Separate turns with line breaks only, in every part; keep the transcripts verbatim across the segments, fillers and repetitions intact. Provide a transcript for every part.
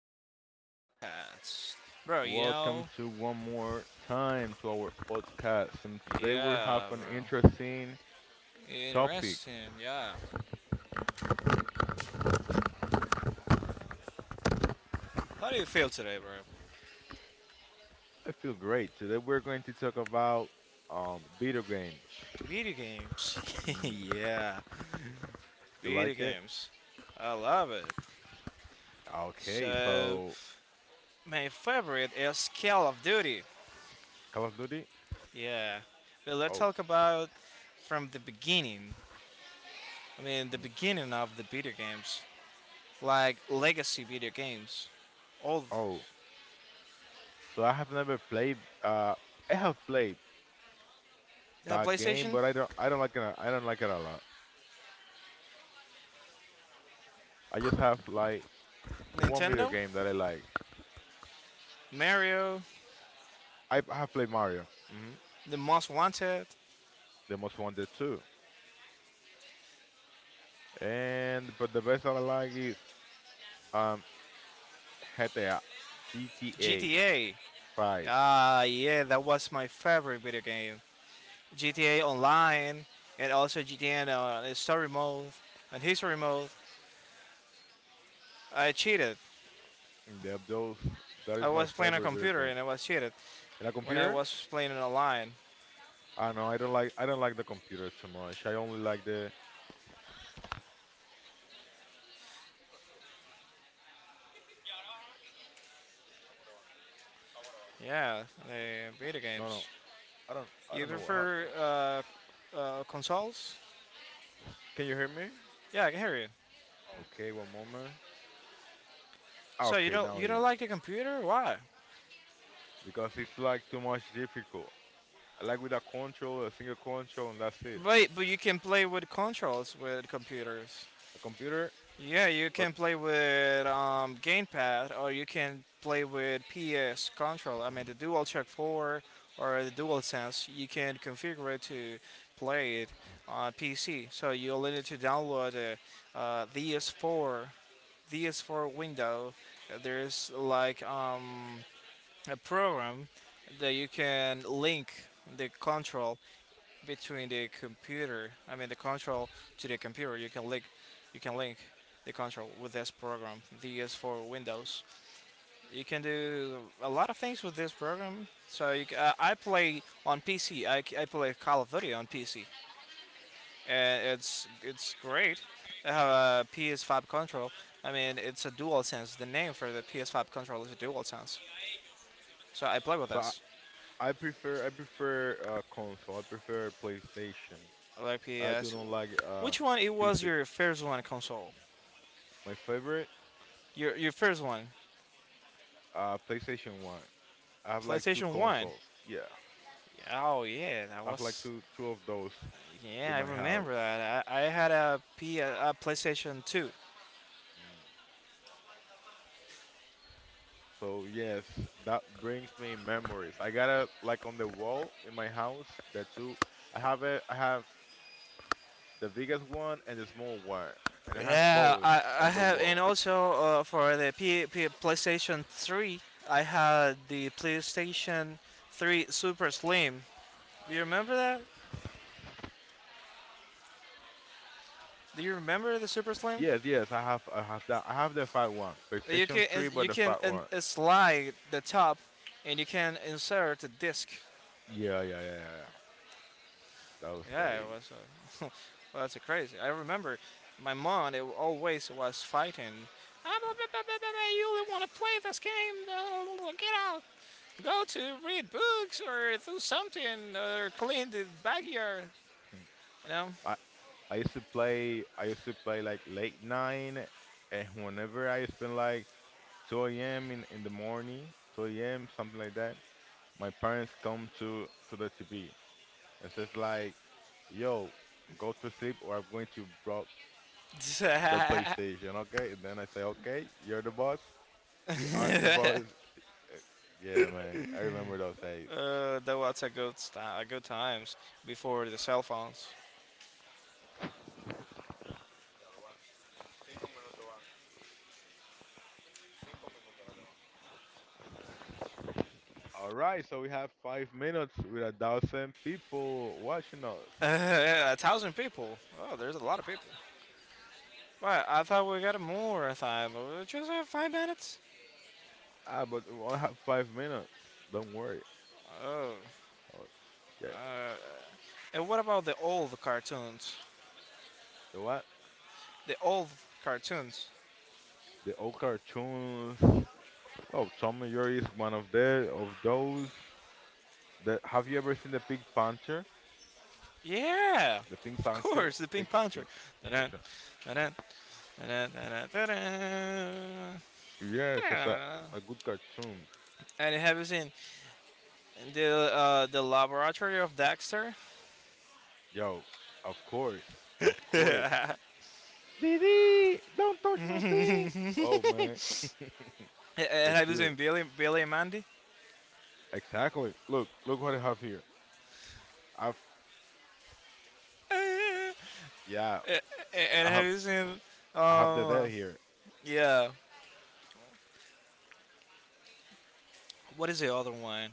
to our podcast. Bro, you
Welcome
know?
to one more time to our podcast. And today we have
Yeah,
an
bro.
interesting topic.
Interesting, yeah. How do you feel today, bro?
I feel great. Today we're going to talk about um, video games.
Video games.
Mm,
yeah,
you
video
like it?
games. I love it.
Okay,
So,
so
my favorite is Call of Duty.
Call of Duty?
Yeah. Well, let's
Oh,
talk about from the beginning. I mean, the
mm,
beginning of the video games. Like legacy video games. Old
oh. So I have never played. Uh, I have played
uh,
that game,
PlayStation,
but I don't. I don't like it. a- I don't like it a lot. I just have like one video
Nintendo,
game that I like.
Mario,
I, I have played Mario. hmm
The Most Wanted,
The Most Wanted too. And but the best I like is um GTA, G T A
G T A.
five.
Ah, uh, yeah, that was my favorite video game. G T A Online, and also G T A in, uh, Story Mode and History Mode. I cheated.
The, those that is
I
my
was playing on a
favorite video
computer
game.
and I was cheated
And a
when I
computer?
was playing it online.
I don't know. I don't like I don't like the computer too much. I only like the.
Yeah, the video
No, no,
games.
I don't I
You
don't know what
prefer
happened.
uh, uh, consoles?
Can you hear me?
Yeah, I can hear you.
Okay, one moment. Ah,
So you
okay,
don't
now
you don't
yes.
like the computer? Why?
Because it's like too much difficult. I like with a control, a single control, and that's it.
Wait, but you can play with controls with computers.
A computer,
Yeah, you
but
can play with um, gamepad, or you can play with P S control. I mean, the DualShock four or the DualSense, you can configure it to play it on P C. So you only need to download the uh, D S four, D S four window. Uh, There's like um, a program that you can link the control between the computer, I mean the control to the computer. You can link, you can link the control with this program, D S for Windows. You can do a lot of things with this program. So you, c- uh, I play on P C. I, c- I play Call of Duty on P C, and it's it's great. I have a P S five control. I mean, it's a DualSense. The name for the P S five control is a DualSense. So I play with
so I,
this.
I prefer I prefer uh, console. I prefer PlayStation.
Like
I do
P S.
not like uh
Which one? It was
P C.
your first one console.
My favorite
Your your first one.
uh PlayStation One. I have like two
PlayStation One.
consoles. Yeah,
Oh yeah, that
I have like
was.
two two of those in
Yeah, I
my
remember
house.
that. I, I had a P a PlayStation Two.
So yes, that brings me memories. I got it like on the wall in my house. The two I have it. I have the biggest one and the small one, and I have
Yeah,
both
I, I
on the
have, and
wall.
also uh, for the P, P PlayStation Three, I had the PlayStation Three Super Slim. Do you remember that? Do you remember the Super Slim?
Yes, yes, I have I have that. I have the fat one,
You
PlayStation
can
Three, but
you
the
can
fat one.
uh, slide the top, and you can insert the disc.
Yeah, yeah, yeah, yeah, yeah. Those
Yeah, it
days.
was. Uh, well, that's crazy. I remember my mom it always was fighting. "Ah, blah, blah, blah, blah, blah, you don't want to play this game? uh, Get out! Go to read books or do something or clean the backyard.
Hmm.
You know."
I, I used to play. I used to play like late nine, and whenever I spend like two a m in in the morning, two a m something like that, my parents come to to the T V and says like, "Yo, go to sleep, or I'm going to block the PlayStation." Okay, and then I say, "Okay, you're the boss. You are the boss." Uh, Yeah, man, I remember those days.
Uh, that was a good sti- a good times before the cell phones.
All right, so we have five minutes with a thousand people watching us.
A thousand people. Oh, there's a lot of people. Well, I thought we got more time, but we just have five minutes.
Ah, but we only have five minutes. Don't worry. Oh, yeah.
And what about the old cartoons?
The what?
The old cartoons.
The old cartoons. Oh, Tom and Jerry is one of the of those. That Have you ever seen the Pink Panther?
Yeah,
The Pink
of
Panther.
course, the
Pink,
Pink Panther.
pink.
Dun-dun,
it's a-
dun-dun, dun-dun, dun-dun, dun-dun,
Yes, it's a,
dun-dun.
a good cartoon.
And have you seen the uh, the laboratory of Dexter?
Yo, of course, of course. Didi, don't touch my thing. Oh man, for
And have you
sure.
seen Billy Billy and Mandy?
Exactly. Look, look what I have here. I've
And
yeah,
and
I
have
have
you seen
I have the dead
um
here.
yeah, what is the other one?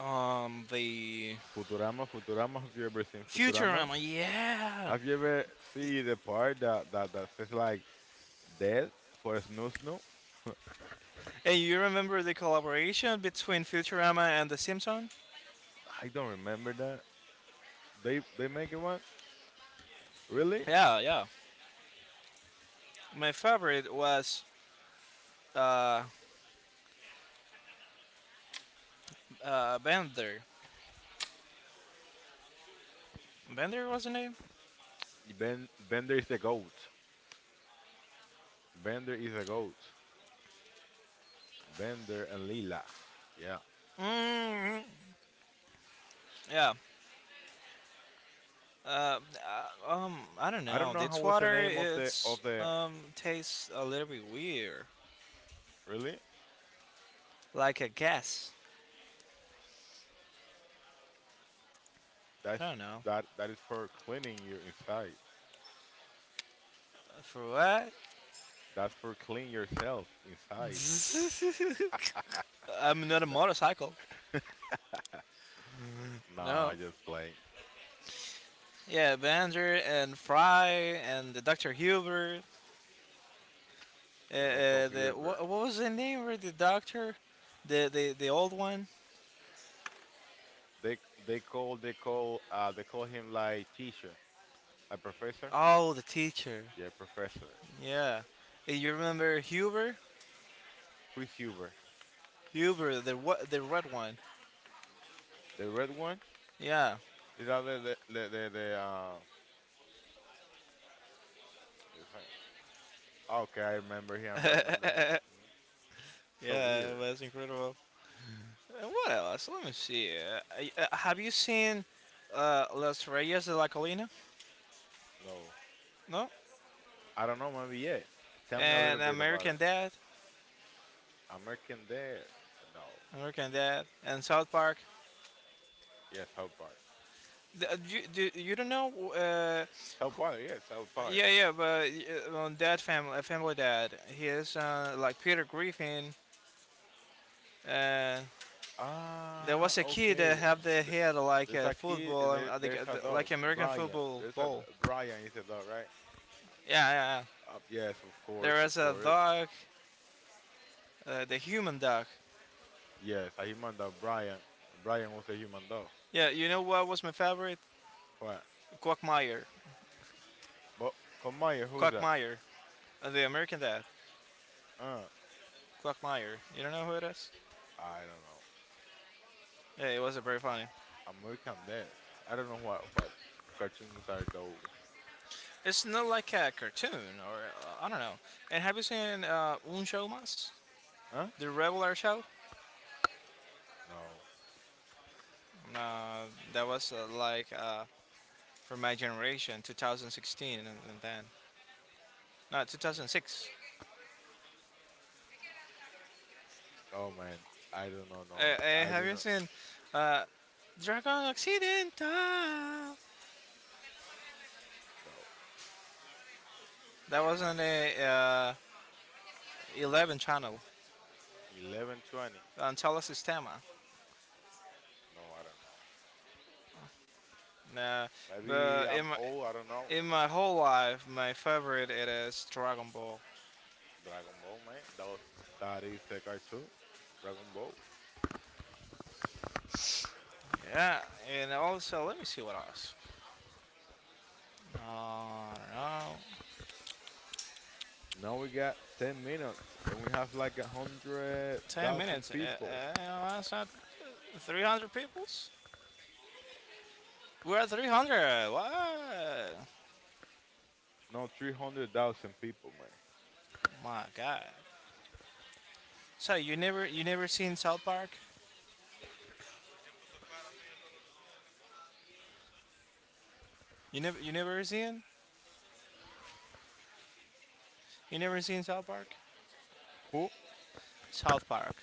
Um the
Futurama, Futurama. Have you ever seen Futurama?
Futurama, yeah.
Have you ever seen the part that that, that says like death for a Snoo Snoo?
And you remember the collaboration between Futurama and The Simpsons?
I don't remember that. They they make it one? Really?
Yeah, yeah. My favorite was uh, uh, Bender. Bender was the name?
Ben Bender is a goat. Bender is a goat. Bender and Lila. Yeah.
mm Yeah. Uh, uh, um, I don't
I don't
know.
know how
This
was the
water,
name of the
it's
of the
um tastes a little bit weird,
Really?
like a gas.
That's
I don't know
that that is for cleaning your inside.
for what.
That's for clean yourself inside.
I'm not a
That,
motorcycle.
no, no, I
No.
just play.
Yeah, Bender and Fry and the Doctor Huber. Uh,
The Hotel
uh, the what,
Hilbert.
what was the name of the doctor? The the the old one.
They they call they call uh they call him like teacher, a professor.
Oh, the teacher.
Yeah, professor.
Yeah. Eh, You remember Huber?
Who is Huber?
Huber, the what, the red one.
The red one?
Yeah.
Is that the the the, the, the uh? it's like- okay, I remember him. I remember him. So
Yeah, it
weird.
was incredible. And what else? Let me see. Uh, I- uh, have you seen uh, Las Reyes de la Colina?
No,
No.
I don't know. Maybe yes. Tell me a
And
little bit about
American
it.
Dad.
American Death. No.
American Dad. And South Park.
Yes, South Park.
The, uh, you, do, you don't know? Uh,
South
who-
Park. Yes, South Park.
yeah, yeah, but uh, on Dad Family, Family Dad. He is uh, like Peter Griffin. Uh, there
Ah,
was a kid that
okay.
had their
Th-
hair like
There's
a
a kid
football,
and
um,
there,
uh, like
there's
uh,
a dog.
like American
Brian.
football
There's a
ball.
Brian is a dog, right?
Yeah, yeah, yeah.
Uh, yes, of course,
There
of
was a
course.
dog, uh, the human dog.
Yes, a human dog, Brian. Brian was a human dog.
Yeah, you know what was my favorite?
What?
Quackmire.
But come here, who's that?
Quackmire. Uh, the American dad.
Uh,
Quackmire. You don't know who it is?
I don't know.
Yeah, it was a very funny.
Am- American Dad. I don't know what what cartoons are those.
It's not like a cartoon or uh, I don't know. And have you seen uh, Un Show Mas?
Huh?
The regular show?
No.
No, that was uh, like uh, for my generation, two thousand sixteen and, and then. No, two thousand six.
Oh man, I don't know.
Hey,
No,
hey,
I do
have you
not
seen uh, Dragon Occidental?
know.
That was on the uh, eleven channel
No. Eleven twenty.
on Telesistema.
No, I don't know.
Uh,
Maybe
but in
I'm
my,
old. I don't know.
in my whole life, my favorite it is Dragon Ball.
Dragon Ball, man. That was that is a cartoon. Dragon Ball.
Yeah, and also let me see what else. Uh, I don't know.
Now we got ten minutes, and we have like a hundred
ten
thousand
minutes.
people.
Uh, uh, that's not three hundred peoples. We're at three hundred. What?
No, three hundred thousand people, man.
My God. So you never you never seen South Park? You never you never seen? You never seen South Park?
Who?
South Park.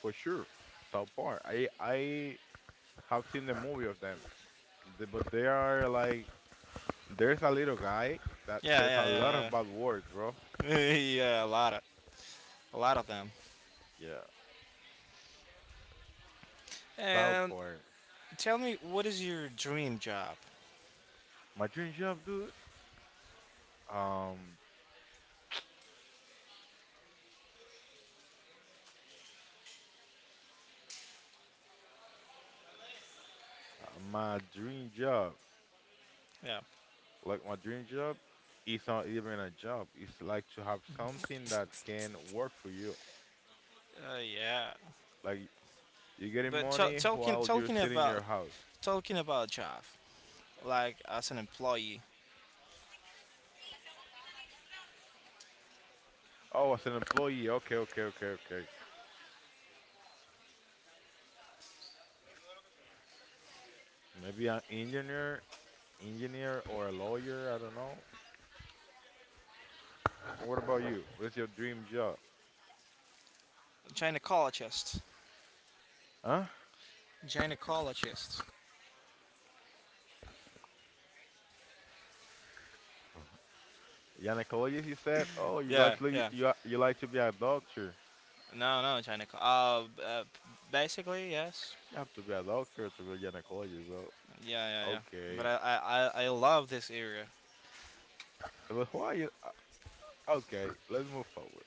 For sure. South Park. I I have seen the movie of them. The- but they are like there's a little guy that
Yeah,
says a
yeah,
lot of
yeah,
bad words, bro.
yeah. yeah, a lot of a lot of them.
Yeah. South
And
Park.
tell me, what is your dream job?
My dream job, dude. Um, uh, my dream job.
Yeah.
Like my dream job is not even a job. It's like to have something that can work for you.
Uh, yeah.
Like you're getting
But t-
money
talking
while you're
talking
sitting in your
about
house.
talking about job, like as an employee,
Oh, as an employee. Okay, okay, okay, okay. Maybe an engineer, engineer or a lawyer. I don't know. What about you? What is your dream job?
gynecologist,
Huh?
gynecologist.
Gynecologist, you said? Oh, you guys,
Yeah,
li-
yeah.
you a- you like to be a doctor?
No, no, gyneco. Uh, b- uh, basically yes.
You have to be a doctor to be a gynecologist, bro.
Yeah, yeah, yeah. But
Okay.
I I, I I love this area.
But why you? uh, Okay, let's move forward.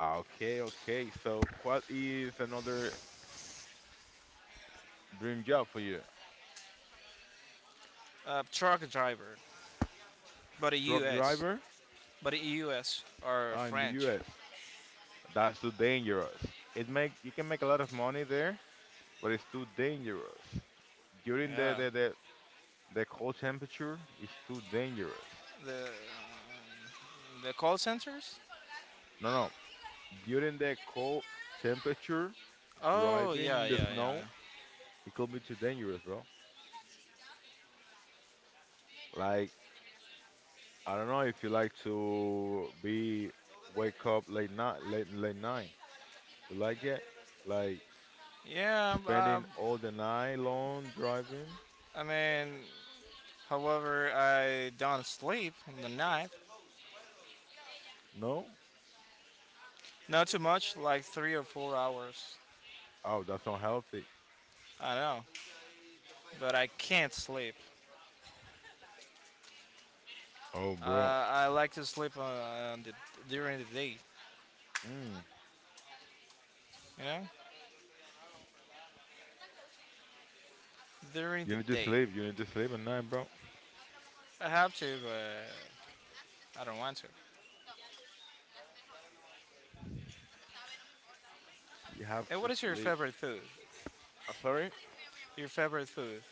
Okay, okay. So, what is another dream job for you?
Uh, truck driver, but a
Truck
U S,
driver
but U S or
uh, in the
French.
U S. That's too dangerous. It make you can make a lot of money there, but it's too dangerous. during the
Yeah.
the, the the cold temperature is too dangerous.
The the call centers.
No, no. During the cold temperature,
Oh
driving
yeah
in the
yeah yeah
snow,
yeah.
it could be too dangerous, bro. Like I don't know if you like to be wake up late night, late late night. You like it? Like
Yeah. Um,
spending all the night long driving?
I mean, however, I don't sleep in the night.
No.
Not too much, like three or four hours.
Oh, that's not healthy.
I know, but I can't sleep.
Oh, bro.
Uh, I like to sleep on, on the, during the day.
Mm.
You know, during
You
the
need to
day.
sleep. You need to sleep at night, bro.
I have to, but I don't want to.
You have
And
to
what is your
sleep.
favorite food?
Uh, sorry.
Your favorite food?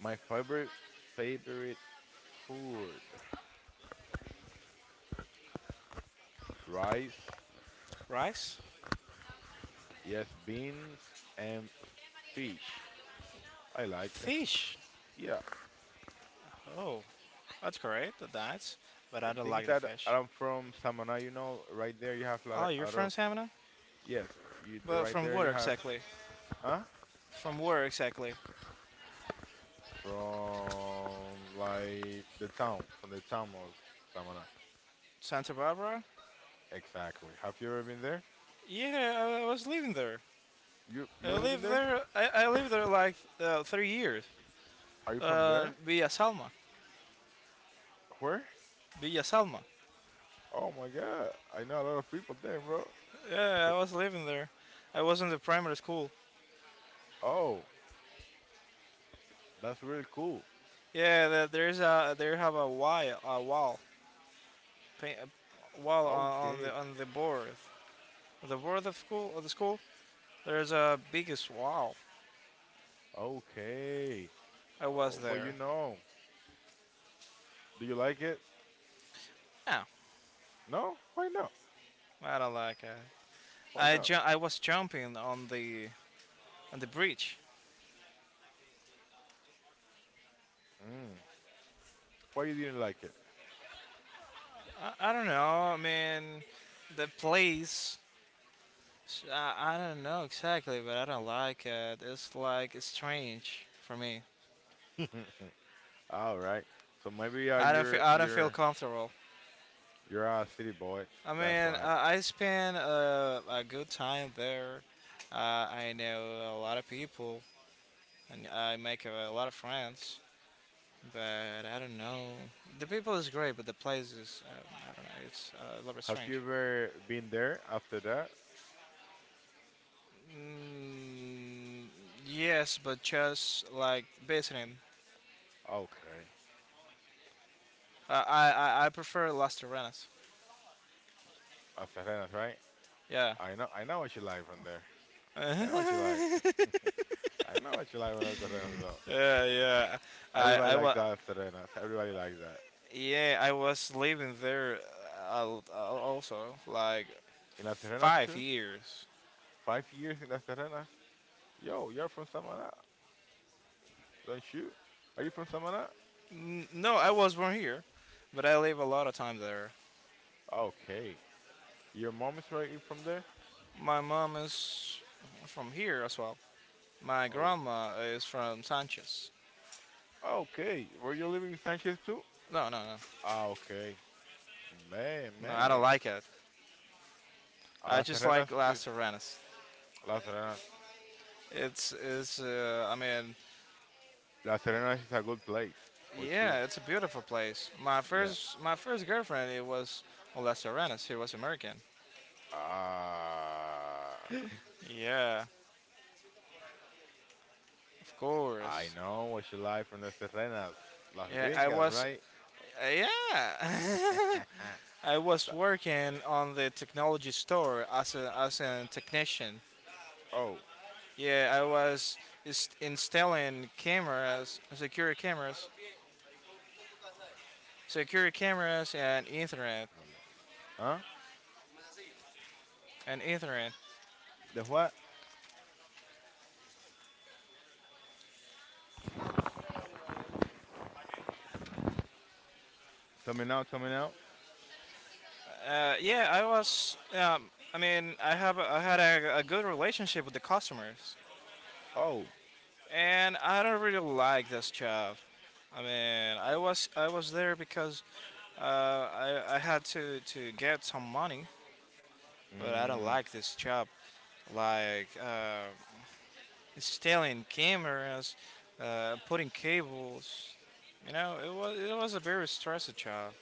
My favorite favorite food: rice,
Rice?
yes, beans and fish. I like it.
Fish.
Yeah,
Oh, that's correct, the diets, but
the
I don't
things
like the
that
fish.
I'm from Samana, you know, right there you have a lot
Oh,
of,
you're
out
from
of
Savannah?
yes, you the
But
right
from
there you
where
have,
exactly?
huh?
From where exactly?
From like the town, from the town of Samana.
Santa Barbara?
Exactly. Have you ever been there?
Yeah, I- I was living there.
You you
I
were living
lived
there?
there. I, I lived there like uh, three years.
Are you from
Uh,
there?
Villa Salma.
Where?
Villa Salma.
Oh my God, I know a lot of people there, bro.
Yeah, I was living there. I was in the primary school.
Oh. That's really cool.
Yeah, the, there's a there have a wall a wall paint, a wall on, on the
Okay.
on the board the board of school of the school. There's a biggest wall.
Okay.
I was
Oh, but you
there.
know, do you like it?
Yeah,
No? Why not?
I don't like it.
Why
I
not?
ju- I was jumping on the on the bridge.
Mm. Why you didn't like
I, I don't know. I mean, the place. s- I, I don't know exactly, but I don't like it. It's like strange for me.
it? All right. So maybe uh,
I don't feel
you're
I don't feel
you're
comfortable.
you're a city boy.
I
That's
mean,
why.
I, I spent a, a good time there. Uh, I know a lot of people, and I make a, lot of friends. But I don't know. The people is great, but the place is uh, I don't know. It's uh, a little bit
Have
strange.
you ever been there after that?
Mm, yes, but just like visiting.
Okay.
Uh, I, I I prefer Las Terrenas.
Las Terrenas, right?
Yeah.
I know I know what you like from there. I know what you like.
yeah,
I know what you like from Las Terrenas though.
yeah. I
Everybody
I
likes
was
Las Terrenas. Everybody likes that.
yeah, I was living there uh, al- al- also like
In Las Terrenas
five
too?
years.
Five years in Las Terrenas? Yo, you're from Samana, don't you? Are you from Samana?
N- No, I was born here, but I live a lot of time there.
Okay. Your mom is right in from there?
My mom is from here as well. My
Oh.
grandma is from Sanchez.
Okay. Were you living in Sanchez too?
No, no, no,
Ah, okay. Man,
no. I don't
man.
like it.
Ah,
I
Las
just like
Serenas is
Las Terrenas.
Las Serenas.
It's it's uh, I mean
Las Serenas is a good place for sure.
yeah, it's a beautiful place. My
Yeah.
first my first girlfriend it was on Las Serranas. She was American.
Ah,
Yeah, of
I
course.
know what you like from the Serenas, Las
Yeah, I
Gringas,
was
right?
yeah. I was
That-
working on the technology store as a as a technician.
oh,
Yeah, I was is- installing cameras, security cameras, security cameras and Ethernet
well, yeah. Huh?
and Ethernet.
The what? Tell me now. Tell me now.
Uh, yeah, I was. Um, I mean, I have a, I had a, a good relationship with the customers,
Oh.
and I don't really like this job. I mean, I was I was there because uh, I I had to to get some money, but I don't
Mm,
like this job. Like uh, installing cameras, uh, putting cables. You know, it was it was a very stressful job,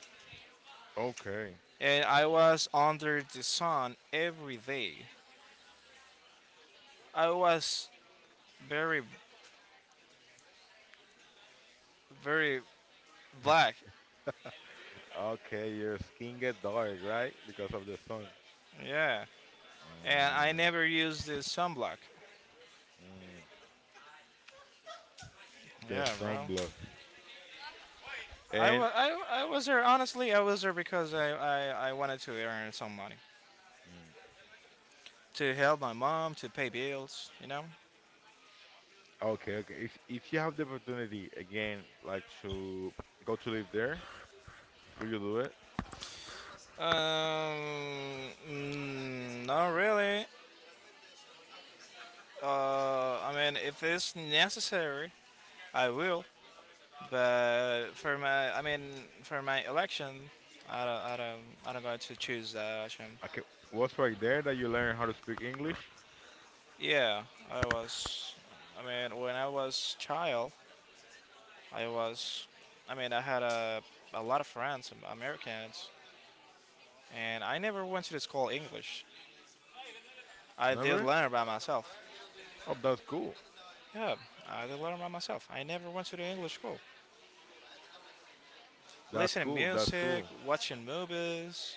okay.
and I was under the sun every day. I was very very black.
Okay, your skin get dark, right? Because of the sun.
Yeah, and I
Mm.
never used this sunblock.
Mm, the
Yeah, bro.
sunblock.
I
And
was I, I was there honestly. I was there because I, I, I wanted to earn some money
mm.
to help my mom to pay bills. You know.
Okay, okay. If if you have the opportunity again, like to go to live there, will you do it?
Um, mm, not really. Uh, I mean, if it's necessary, I will. But for my, I mean, for my election, I don't, I don't, I don't going to choose that option.
Okay. What's right there that you learn how to speak English?
Yeah, I was. I mean, when I was child, I was. I mean, I had a a lot of friends, Am- Americans, and I never went to the school English. I did
Never?
learn by myself.
Oh, that's cool.
Yeah, I did learn by myself. I never went to the English school.
That's
Listening
cool. That's
music,
cool.
watching movies,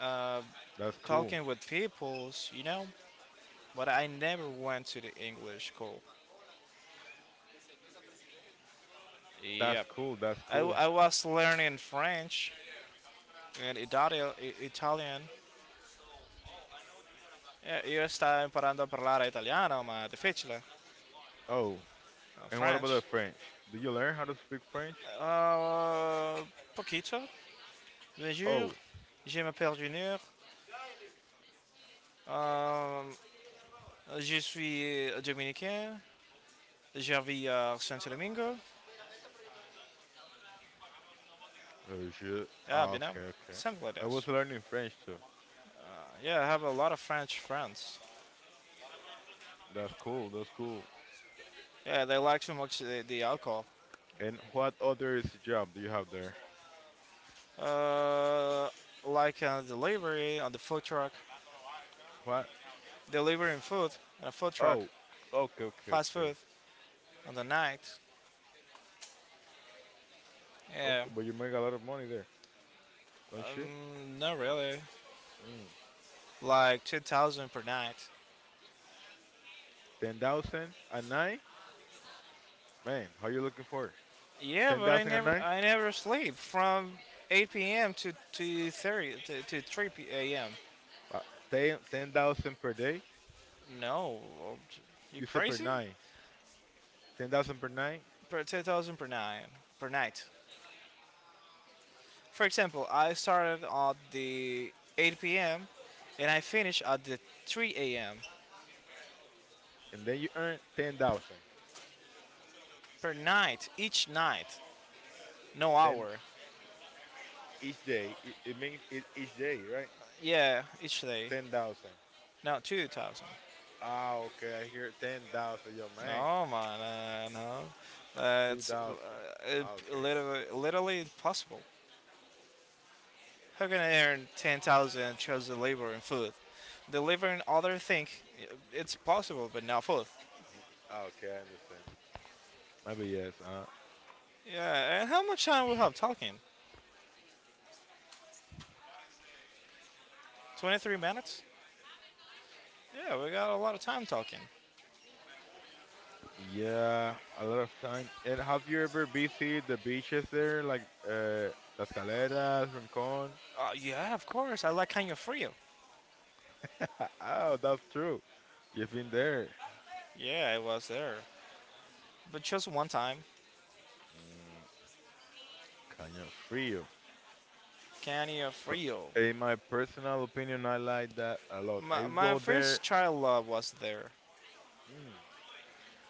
uh,
That's cool.
talking with peoples, you know. But I never went to the English school.
That's
Yep.
cool. That's
I,
cool.
I was learning French and Itali- I- Italian. Eh, Io sto imparando a parlare italiano, ma difficile.
Oh,
eh,
and what about the
French.
French? Did you learn how to speak French?
Euh, Poquito. Bonjour.
Oh,
Je m'appelle Junior. Euh, je suis dominicain. Je vis à Santo Domingo.
oh shit.
Yeah, you know,
Okay, okay.
something like
I
this.
was learning French too.
Yeah, I have a lot of French friends.
That's cool. That's cool.
Yeah, they like so much the, the alcohol.
And what other is job do you have there?
Uh, like uh, delivery on the food truck,
What?
delivering food on a food truck,
Oh, okay, okay,
fast
okay.
food on the night. Yeah,
Okay, but you make a lot of money there, don't you?
Um, not really.
Mm.
Like two thousand per night.
Ten thousand a night, man. How you looking for?
Yeah,
Ten
but I
thousand a
never,
night?
I never sleep from eight p m to to thirty to, to three p m.
Uh, ten ten thousand per day.
No, you
You said per
crazy?
night. Ten thousand per night,
Per two thousand per night per night. For example, I started at the eight p m and I finish at the three a m
and then you earn ten thousand.
per night each night. No hour.
Ten each day. It, it means it each day, right?
Yeah, each day.
Ten thousand.
No, two thousand.
Ah, okay. I hear ten thousand. Your man,
No, man, uh, no. Uh,
two
it's uh,
thousand.
it-
Okay,
literally, literally impossible. How can I earn ten thousand just labor and food? Delivering other thing, eh, it's possible, but not food.
okay, I understand. Maybe yes. Uh,
Yeah, and how much time we have talking? twenty-three minutes? Yeah, we got a lot of time talking.
yeah, a lot of time. And have you ever visited the beaches there, like uh, Las Caleras, Rincon?
Uh, yeah, of course, I like Canyon Frio.
oh, that's true. You've been there.
Yeah, I was there. But just one time,
Mm, Caño Frío.
Canyon
So,
Frio.
in my personal opinion, I like that a lot. I
My, my
go
first
there.
child love was there.
mm,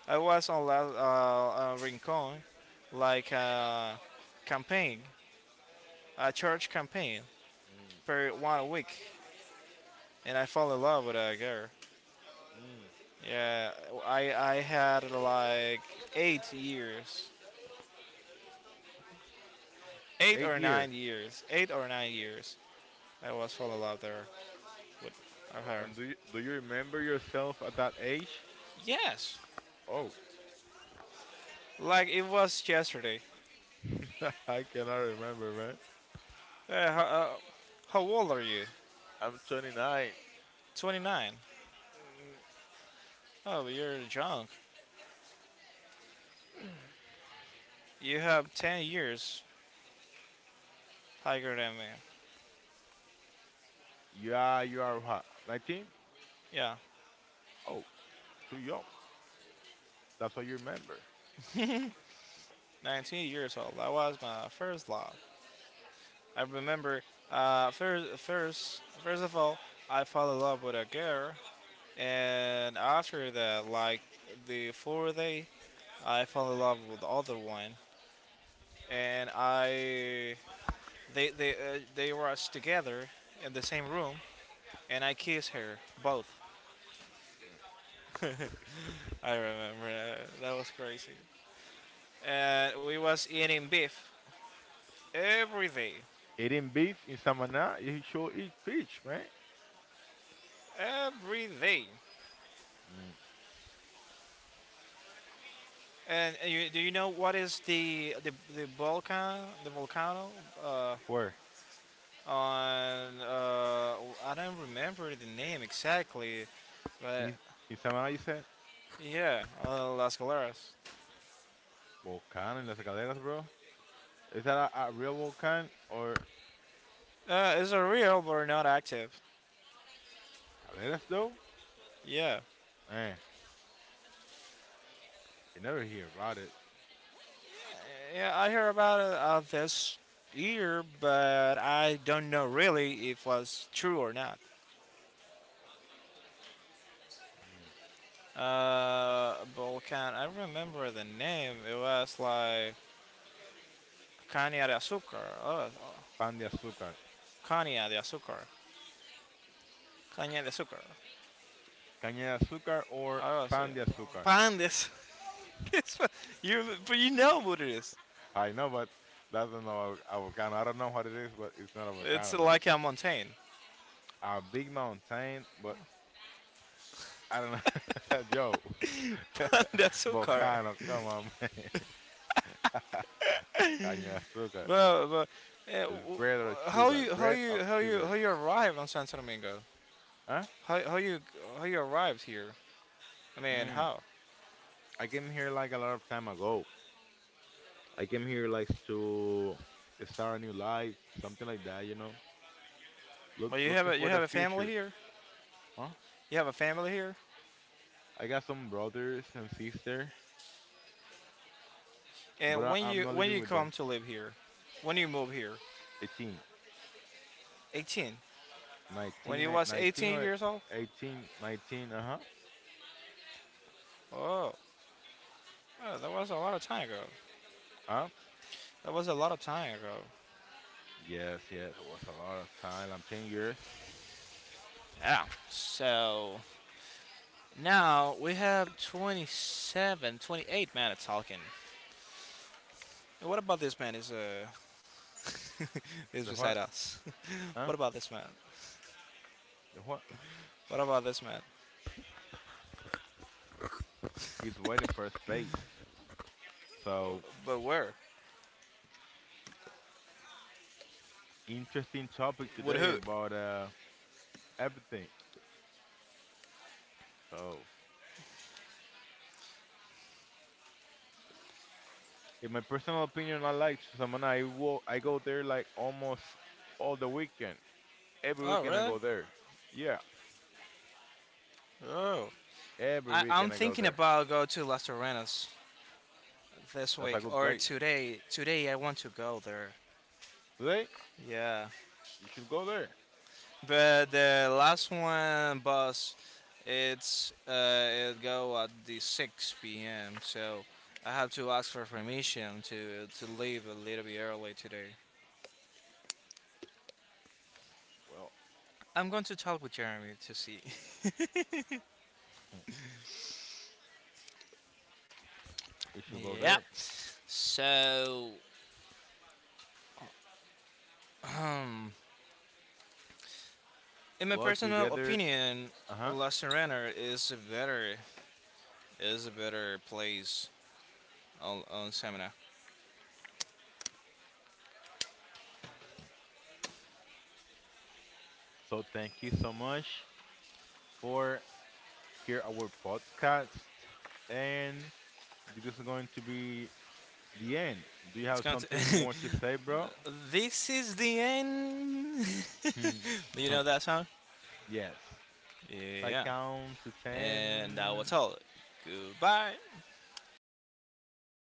I was on La, uh, uh, Rincon, like a campaign, a church campaign
mm,
per one week, and I fell in love with a girl.
mm,
Yeah, I I had like eight years, eight
eight
or
years.
nine years, eight or nine years. I was fall in love there with
Oh,
her.
and do you, do you remember yourself at that age?
Yes,
Oh,
like it was yesterday.
I cannot remember, man.
Uh, how, uh, how old are you?
I'm twenty-nine.
twenty-nine. Oh, you're drunk. You have ten years higher than me.
Yeah, you are what? nineteen?
Yeah.
Oh, too young. That's what you remember.
nineteen years old. That was my first love. I remember uh, first, first, first of all, I fell in love with a girl, and after that, like the fourth day, I fell in love with the other one, and I they they uh, they were together in the same room, and I kissed her both. I remember that. That was crazy, and we was eating beef every day,
Eating beef in Samaná, you should eat fish, man.
every day.
Mm.
And uh, you, do you know what is the the the volcano the volcano uh,
Where?
on uh, I don't remember the name exactly, but
In, in Samaná, you said?
yeah, uh, Las Galeras.
Volcán en las calderas, bro. Is that a, a real volcán or
Uh, it's a real but not active.
calderas though?
Yeah,
Eh, you never hear about it.
yeah, I hear about it uh, this year, but I don't know really if was true or not. Uh, volcano. I remember the name. It was like Caña de Azúcar. Oh,
Pan de azúcar.
Caña de Azúcar. Caña de azúcar.
Caña de azúcar or
Oh, was, uh,
pan de azúcar.
pan de az- it's what- you, but you know what it is.
I know, but that's not a, a volcano. I don't know what it is, but it's not a
It's
volcano, though.
like a mountain.
A big mountain, but I don't know. Yo,
Pan de azúcar.
volcano, come on, man. Caña de azúcar.
Well, but,
It's bread or
uh, how
sugar.
you how
Bread or
you how you
sugar.
how you arrive on Santo Domingo?
Huh?
How how you how you arrived here? I mean,
Mm.
how?
I came here like a lot of time ago. I came here like to start a new life, something like that, you know. Look,
Well, you have
looking
a you
for the
have a family
future.
here.
Huh?
You have a family here.
I got some brothers and sister, but
And
I,
when
I'm
you
not
when
living
you
with them.
come to live here, when you move here,
eighteen,
eighteen. When
19,
you
eh,
was
nineteen
eighteen
or
years old.
eighteen, nineteen. Uh huh.
Oh, yeah, that was a lot of time ago.
Huh?
That was a lot of time ago.
Yes, yes. It was a lot of time. I'm ten years.
Yeah. So now we have twenty seven, twenty eight men man at Talking. What about this man is uh is
The
beside
what?
us?
Huh?
what about this man?
The what?
What about this man?
He's waiting for a space. So
But where?
interesting topic
With
today
who?
about uh, everything. So, in my personal opinion, I like Samana. I wo- I go there like almost all the weekend. Every
Oh
weekend I
really?
go there. Yeah,
Oh.
every
I, I'm
weekend I go
thinking
there.
about go to Las Arenas this
That's a
week
good
or
place.
today. Today I want to go there.
Today,
Yeah.
you should go there.
But the last one bus, it's uh, it go at the six p m. So I have to ask for permission to to leave a little bit early today.
Well,
I'm going to talk with Jeremy to see.
you should go
yep.
there.
So, um, in my
Well,
personal
together.
opinion,
Uh huh.
La Serena is a better is a better place on on Semina.
So, thank you so much for hear our podcast, and this is going to be the end. Do you
It's
have
going
something
to.
more to say, bro?
this is the end. Do
Hmm.
you know that song?
Yes. Like
Yeah.
count to
And I will
ten
tell Goodbye.